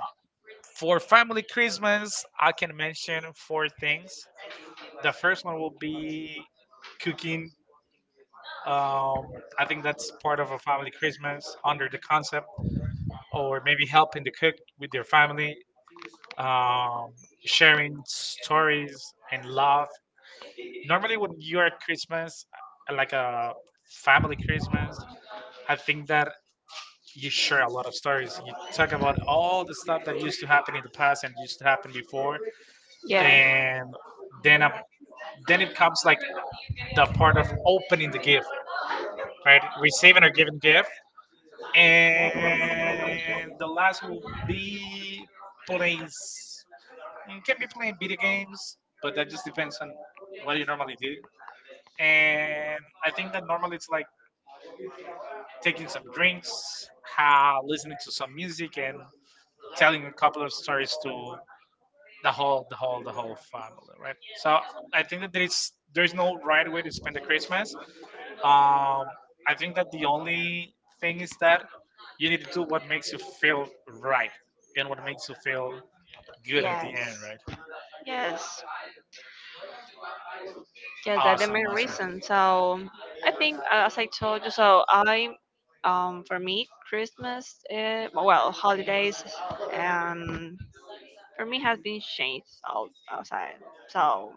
Speaker 1: for family Christmas, I can mention four things. The
Speaker 2: The
Speaker 1: first
Speaker 2: first
Speaker 1: one
Speaker 2: one will
Speaker 1: will
Speaker 2: be
Speaker 1: be cooking.
Speaker 2: cooking.
Speaker 1: Um,
Speaker 2: Um,
Speaker 1: I
Speaker 2: I
Speaker 1: think
Speaker 2: think that's
Speaker 1: that's
Speaker 2: part
Speaker 1: part
Speaker 2: of
Speaker 1: of
Speaker 2: a
Speaker 1: a family
Speaker 2: family Christmas,
Speaker 1: Christmas under the concept, or
Speaker 2: or maybe
Speaker 1: maybe
Speaker 2: help
Speaker 1: helping
Speaker 2: with
Speaker 1: to cook with your
Speaker 2: your
Speaker 1: family,
Speaker 2: family,
Speaker 1: um,
Speaker 2: um, sharing
Speaker 1: sharing
Speaker 2: stories
Speaker 1: stories and
Speaker 2: and love.
Speaker 1: love. Normally,
Speaker 2: Normally,
Speaker 1: when
Speaker 2: when
Speaker 1: you
Speaker 2: you
Speaker 1: are
Speaker 2: are
Speaker 1: at Christmas, like
Speaker 2: like a
Speaker 1: a family
Speaker 2: family Christmas,
Speaker 1: Christmas,
Speaker 2: I
Speaker 1: I
Speaker 2: think
Speaker 1: think
Speaker 2: that
Speaker 1: that you share
Speaker 2: share a
Speaker 1: a
Speaker 2: lot
Speaker 1: lot of
Speaker 2: of stories,
Speaker 1: stories. You
Speaker 2: talk
Speaker 1: talk about
Speaker 2: about
Speaker 1: all
Speaker 2: all
Speaker 1: the
Speaker 2: that
Speaker 1: stuff that
Speaker 2: that used
Speaker 1: used to
Speaker 2: to
Speaker 1: happen
Speaker 2: happen
Speaker 1: in the past and used to happen
Speaker 2: before.
Speaker 1: before,
Speaker 2: Yeah. And
Speaker 1: and
Speaker 2: then
Speaker 1: then uh,
Speaker 2: a, then
Speaker 1: then it
Speaker 2: it comes
Speaker 1: comes
Speaker 2: like
Speaker 1: like
Speaker 2: the
Speaker 1: the
Speaker 2: part
Speaker 1: part
Speaker 2: of
Speaker 1: of opening
Speaker 2: opening the
Speaker 1: the gift,
Speaker 2: gift, right?
Speaker 1: right? Receiving
Speaker 2: Receiving
Speaker 1: or
Speaker 2: or
Speaker 1: giving
Speaker 2: giving
Speaker 1: gift,
Speaker 2: gift, and
Speaker 1: and the
Speaker 2: the last
Speaker 1: last
Speaker 2: would
Speaker 1: will
Speaker 2: be
Speaker 1: be
Speaker 2: for you,
Speaker 1: playing. S- mm,
Speaker 2: can
Speaker 1: can
Speaker 2: be
Speaker 1: be
Speaker 2: playing
Speaker 1: playing
Speaker 2: video
Speaker 1: video
Speaker 2: games.
Speaker 1: games, but that
Speaker 2: It just
Speaker 1: just
Speaker 2: depends
Speaker 1: depends
Speaker 2: on
Speaker 1: on what
Speaker 2: what you
Speaker 1: you normally
Speaker 2: normally do.
Speaker 1: do. And
Speaker 2: And
Speaker 1: I
Speaker 2: then
Speaker 1: think that
Speaker 2: normally
Speaker 1: normally
Speaker 2: it's
Speaker 1: it's like
Speaker 2: like taking
Speaker 1: taking
Speaker 2: some
Speaker 1: some
Speaker 2: drinks,
Speaker 1: drinks, ha,
Speaker 2: listening
Speaker 1: listening
Speaker 2: to
Speaker 1: to
Speaker 2: some
Speaker 1: some
Speaker 2: music,
Speaker 1: music,
Speaker 2: and
Speaker 1: and
Speaker 2: telling
Speaker 1: telling
Speaker 2: a
Speaker 1: a
Speaker 2: couple
Speaker 1: couple
Speaker 2: of
Speaker 1: of
Speaker 2: stories
Speaker 1: stories
Speaker 2: to
Speaker 1: to
Speaker 2: the
Speaker 1: the
Speaker 2: whole,
Speaker 1: whole
Speaker 2: the
Speaker 1: the
Speaker 2: whole,
Speaker 1: whole
Speaker 2: the
Speaker 1: the
Speaker 2: whole.
Speaker 1: whole family, right?
Speaker 2: So
Speaker 1: So
Speaker 2: I,
Speaker 1: I think that there is
Speaker 2: there is
Speaker 1: no
Speaker 2: no right
Speaker 1: right
Speaker 2: way
Speaker 1: way
Speaker 2: to
Speaker 1: to
Speaker 2: spend
Speaker 1: spend the
Speaker 2: the Christmas.
Speaker 1: Christmas.
Speaker 2: Um,
Speaker 1: um I
Speaker 2: I think
Speaker 1: think
Speaker 2: that
Speaker 1: that the
Speaker 2: the only
Speaker 1: only thing
Speaker 2: is
Speaker 1: is
Speaker 2: that
Speaker 1: that you
Speaker 2: you
Speaker 1: need
Speaker 2: need
Speaker 1: to
Speaker 2: to do
Speaker 1: do what
Speaker 2: what makes
Speaker 1: makes
Speaker 2: you
Speaker 1: you
Speaker 2: feel
Speaker 1: feel
Speaker 2: right,
Speaker 1: right, and
Speaker 2: what
Speaker 1: what
Speaker 2: makes
Speaker 1: makes
Speaker 2: you
Speaker 1: you
Speaker 2: feel
Speaker 1: feel
Speaker 2: good
Speaker 1: good at
Speaker 2: at the.
Speaker 1: the
Speaker 2: Yes. End.
Speaker 1: end, right?
Speaker 2: Yes, yes, that's the
Speaker 1: Awesome,
Speaker 2: main
Speaker 1: awesome.
Speaker 2: reason. So I think, as I told you, so I, for me, Christmas, well, holidays, um, for me has been changed out outside. So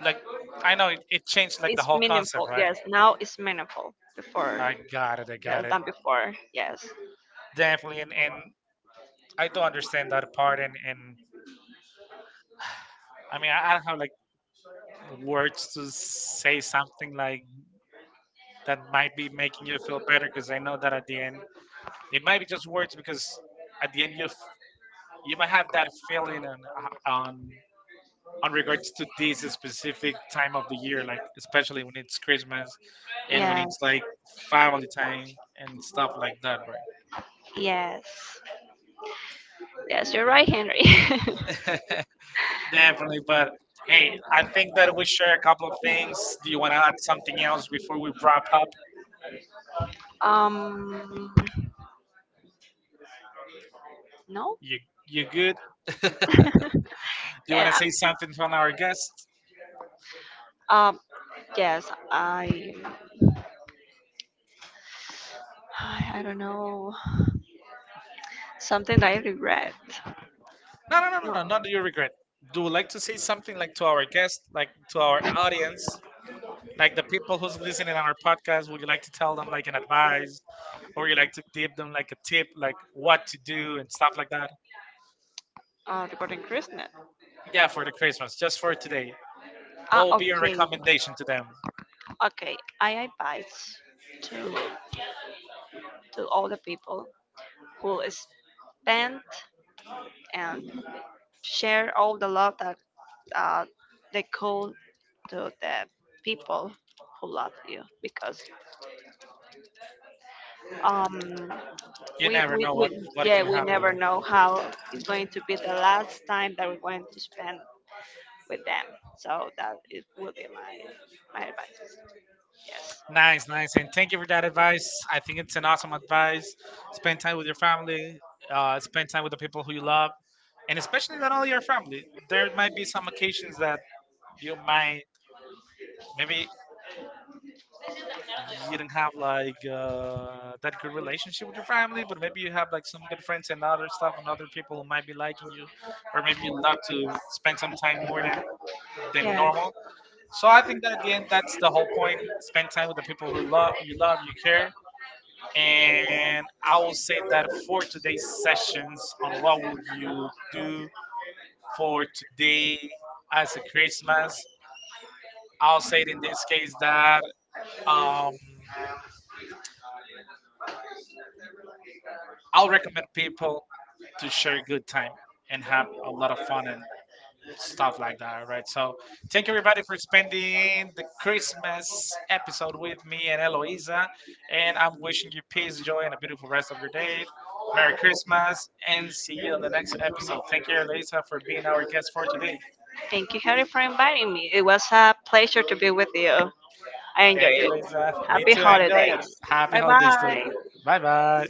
Speaker 1: Like I know it, it changed like the
Speaker 2: it's
Speaker 1: whole
Speaker 2: meaningful.
Speaker 1: concept, right?
Speaker 2: Yes, now it's meaningful. Before,
Speaker 1: I
Speaker 2: yes,
Speaker 1: got it.
Speaker 2: than before. Yes,
Speaker 1: Definitely, and I do understand that part. And I don't have like words to say something like that might be making you feel better because I know that at the end it might be just words because at the end you f- you might have that feeling
Speaker 2: feeling on
Speaker 1: on
Speaker 2: on
Speaker 1: regards
Speaker 2: to
Speaker 1: to
Speaker 2: be
Speaker 1: this
Speaker 2: this
Speaker 1: specific
Speaker 2: time
Speaker 1: time
Speaker 2: of
Speaker 1: of the
Speaker 2: the year,
Speaker 1: year, like
Speaker 2: like,
Speaker 1: especially when it's Christmas
Speaker 2: and
Speaker 1: and
Speaker 2: when,
Speaker 1: when
Speaker 2: Yeah,
Speaker 1: it's
Speaker 2: it's
Speaker 1: like
Speaker 2: like family
Speaker 1: family
Speaker 2: time
Speaker 1: time and
Speaker 2: and stuff.
Speaker 1: stuff like that, right?
Speaker 2: Yes. Yes, you're right, Henry.
Speaker 1: Definitely,
Speaker 2: Definitely. But like,
Speaker 1: but hey,
Speaker 2: hey,
Speaker 1: I think that we share a couple
Speaker 2: couple
Speaker 1: of
Speaker 2: things.
Speaker 1: things.
Speaker 2: Do
Speaker 1: Do
Speaker 2: you
Speaker 1: you want
Speaker 2: wanna
Speaker 1: to add
Speaker 2: add
Speaker 1: something
Speaker 2: something else
Speaker 1: else
Speaker 2: before
Speaker 1: before
Speaker 2: we
Speaker 1: we
Speaker 2: wrap
Speaker 1: wrap
Speaker 2: up?
Speaker 1: up?
Speaker 2: um. No.
Speaker 1: You
Speaker 2: Do
Speaker 1: you good? Do
Speaker 2: you
Speaker 1: you want
Speaker 2: wanna,
Speaker 1: to
Speaker 2: Yeah,
Speaker 1: say
Speaker 2: say something
Speaker 1: something to
Speaker 2: on our
Speaker 1: our
Speaker 2: guest?
Speaker 1: guest?
Speaker 2: I- Um. Yes. I. I don't know. Something that I regret. No,
Speaker 1: No,
Speaker 2: no,
Speaker 1: no,
Speaker 2: no,
Speaker 1: no, no,
Speaker 2: no, no,
Speaker 1: no,
Speaker 2: no. Not
Speaker 1: not
Speaker 2: that you
Speaker 1: your
Speaker 2: regret.
Speaker 1: regret.
Speaker 2: Do
Speaker 1: Do you
Speaker 2: you like
Speaker 1: like to say something like to
Speaker 2: to
Speaker 1: our
Speaker 2: our
Speaker 1: guests,
Speaker 2: guests,
Speaker 1: like
Speaker 2: like
Speaker 1: to
Speaker 2: to our
Speaker 1: our
Speaker 2: audience?
Speaker 1: audience, like
Speaker 2: Like
Speaker 1: the
Speaker 2: the people
Speaker 1: people
Speaker 2: who's
Speaker 1: who's
Speaker 2: listening
Speaker 1: listening
Speaker 2: on
Speaker 1: our
Speaker 2: our podcast,
Speaker 1: podcast? Would
Speaker 2: would
Speaker 1: you
Speaker 2: you
Speaker 1: like
Speaker 2: like
Speaker 1: to
Speaker 2: to tell
Speaker 1: tell
Speaker 2: them
Speaker 1: them
Speaker 2: like
Speaker 1: like an
Speaker 2: an advice,
Speaker 1: advice,
Speaker 2: or
Speaker 1: or you
Speaker 2: you like
Speaker 1: like to
Speaker 2: to give
Speaker 1: give
Speaker 2: them
Speaker 1: them like
Speaker 2: like
Speaker 1: a tip, like
Speaker 2: what
Speaker 1: what
Speaker 2: to
Speaker 1: to do
Speaker 2: do and
Speaker 1: and stuff
Speaker 2: stuff like
Speaker 1: like
Speaker 2: that?
Speaker 1: that?
Speaker 2: Regarding Christmas. Yeah,
Speaker 1: Yeah, for
Speaker 2: for
Speaker 1: the Christmas, just for
Speaker 2: today,
Speaker 1: today. What
Speaker 2: What
Speaker 1: would
Speaker 2: would be
Speaker 1: be
Speaker 2: your,
Speaker 1: your
Speaker 2: okay, recommendation
Speaker 1: recommendation to
Speaker 2: to
Speaker 1: them?
Speaker 2: them? Okay, I advise to to all the people who spend and share all the love that, uh, they could to the people who love you, because um you
Speaker 1: You
Speaker 2: we, never
Speaker 1: never
Speaker 2: we, know
Speaker 1: know
Speaker 2: what, we what
Speaker 1: what
Speaker 2: yeah
Speaker 1: can
Speaker 2: can we happen.
Speaker 1: happen,
Speaker 2: Never
Speaker 1: right?
Speaker 2: know how it's going to be the last time that we're going to spend with them, so that it will be my advice. Yes. Nice,
Speaker 1: Nice,
Speaker 2: nice.
Speaker 1: nice,
Speaker 2: And
Speaker 1: and thank
Speaker 2: thank
Speaker 1: you
Speaker 2: you
Speaker 1: for
Speaker 2: for that
Speaker 1: that
Speaker 2: advice.
Speaker 1: advice.
Speaker 2: I
Speaker 1: I think
Speaker 2: think
Speaker 1: it's
Speaker 2: it's an
Speaker 1: an awesome
Speaker 2: awesome advice.
Speaker 1: advice. Spend
Speaker 2: Spend
Speaker 1: time
Speaker 2: time
Speaker 1: with
Speaker 2: with
Speaker 1: your
Speaker 2: your family,
Speaker 1: family,
Speaker 2: spend
Speaker 1: spend time
Speaker 2: time
Speaker 1: with
Speaker 2: with
Speaker 1: the
Speaker 2: the
Speaker 1: people
Speaker 2: people
Speaker 1: who you
Speaker 2: you
Speaker 1: love,
Speaker 2: love,
Speaker 1: and
Speaker 2: and
Speaker 1: especially
Speaker 2: especially with
Speaker 1: not
Speaker 2: all
Speaker 1: only
Speaker 2: your
Speaker 1: your
Speaker 2: family.
Speaker 1: family.
Speaker 2: There
Speaker 1: There
Speaker 2: might
Speaker 1: might
Speaker 2: be
Speaker 1: be
Speaker 2: some
Speaker 1: some
Speaker 2: occasions
Speaker 1: occasions
Speaker 2: that
Speaker 1: that
Speaker 2: you
Speaker 1: you
Speaker 2: might,
Speaker 1: might,
Speaker 2: maybe
Speaker 1: maybe you don't
Speaker 2: didn't
Speaker 1: have
Speaker 2: have like,
Speaker 1: like
Speaker 2: uh, that
Speaker 1: that good
Speaker 2: good relationship
Speaker 1: relationship with
Speaker 2: with
Speaker 1: your
Speaker 2: family,
Speaker 1: family,
Speaker 2: but
Speaker 1: but
Speaker 2: maybe
Speaker 1: maybe
Speaker 2: you
Speaker 1: you
Speaker 2: have
Speaker 1: have
Speaker 2: like
Speaker 1: like some
Speaker 2: some
Speaker 1: good
Speaker 2: good friends
Speaker 1: friends
Speaker 2: and
Speaker 1: and other
Speaker 2: other
Speaker 1: stuff
Speaker 2: stuff, and
Speaker 1: and other
Speaker 2: other people
Speaker 1: people who
Speaker 2: might
Speaker 1: might be
Speaker 2: be
Speaker 1: liking
Speaker 2: like,
Speaker 1: you,
Speaker 2: or
Speaker 1: or
Speaker 2: maybe
Speaker 1: maybe you
Speaker 2: you
Speaker 1: love
Speaker 2: love to
Speaker 1: to
Speaker 2: spend
Speaker 1: spend
Speaker 2: some
Speaker 1: some
Speaker 2: time
Speaker 1: time
Speaker 2: more
Speaker 1: more
Speaker 2: than
Speaker 1: than
Speaker 2: Yeah, normal.
Speaker 1: normal. So
Speaker 2: So I
Speaker 1: I
Speaker 2: think
Speaker 1: think that
Speaker 2: at
Speaker 1: at
Speaker 2: the
Speaker 1: the
Speaker 2: end,
Speaker 1: end,
Speaker 2: that's
Speaker 1: that's the
Speaker 2: the
Speaker 1: whole
Speaker 2: whole point,
Speaker 1: point.
Speaker 2: spend
Speaker 1: Spend time
Speaker 2: time
Speaker 1: with the people who
Speaker 2: with love.
Speaker 1: love you, care.
Speaker 2: And I
Speaker 1: And I will
Speaker 2: think
Speaker 1: say that
Speaker 2: that
Speaker 1: for
Speaker 2: for
Speaker 1: today's
Speaker 2: today's sessions
Speaker 1: sessions on
Speaker 2: on
Speaker 1: what
Speaker 2: what
Speaker 1: would
Speaker 2: would you
Speaker 1: you
Speaker 2: do
Speaker 1: do for
Speaker 2: for
Speaker 1: today
Speaker 2: me as
Speaker 1: as a
Speaker 2: a Christmas,
Speaker 1: Christmas,
Speaker 2: I
Speaker 1: I'll say
Speaker 2: think
Speaker 1: it in
Speaker 2: in this
Speaker 1: this
Speaker 2: case,
Speaker 1: case that um,
Speaker 2: um, I'll
Speaker 1: I'll recommend
Speaker 2: recommend people
Speaker 1: people to
Speaker 2: to
Speaker 1: share
Speaker 2: share
Speaker 1: a good time and have
Speaker 2: a
Speaker 1: a lot
Speaker 2: lot of
Speaker 1: of
Speaker 2: fun
Speaker 1: fun
Speaker 2: and
Speaker 1: and.
Speaker 2: stuff.
Speaker 1: Stuff like that, right? So thank you everybody for spending the
Speaker 2: And,
Speaker 1: Christmas episode with me and
Speaker 2: and Eloise.
Speaker 1: Eloisa. And I'm wishing you peace, joy, and a beautiful rest of your day.
Speaker 2: Merry
Speaker 1: Merry Christmas
Speaker 2: Christmas.
Speaker 1: and
Speaker 2: See
Speaker 1: see you
Speaker 2: you
Speaker 1: on
Speaker 2: on the
Speaker 1: the next episode. Thank
Speaker 2: episode.
Speaker 1: you, Eloisa, for
Speaker 2: Thank
Speaker 1: being
Speaker 2: you,
Speaker 1: our
Speaker 2: our guest
Speaker 1: guest for
Speaker 2: for today.
Speaker 1: today.
Speaker 2: Thank you, Harry, for inviting me. It was a pleasure to be with you. I thank
Speaker 1: Thank
Speaker 2: enjoyed thank it.
Speaker 1: you,
Speaker 2: you,
Speaker 1: Eloisa.
Speaker 2: You
Speaker 1: Me
Speaker 2: happy too. Enjoy
Speaker 1: too. Enjoy it.
Speaker 2: holidays. Happy
Speaker 1: Happy
Speaker 2: bye
Speaker 1: holidays to you.
Speaker 2: holidays. Bye.
Speaker 1: Bye bye.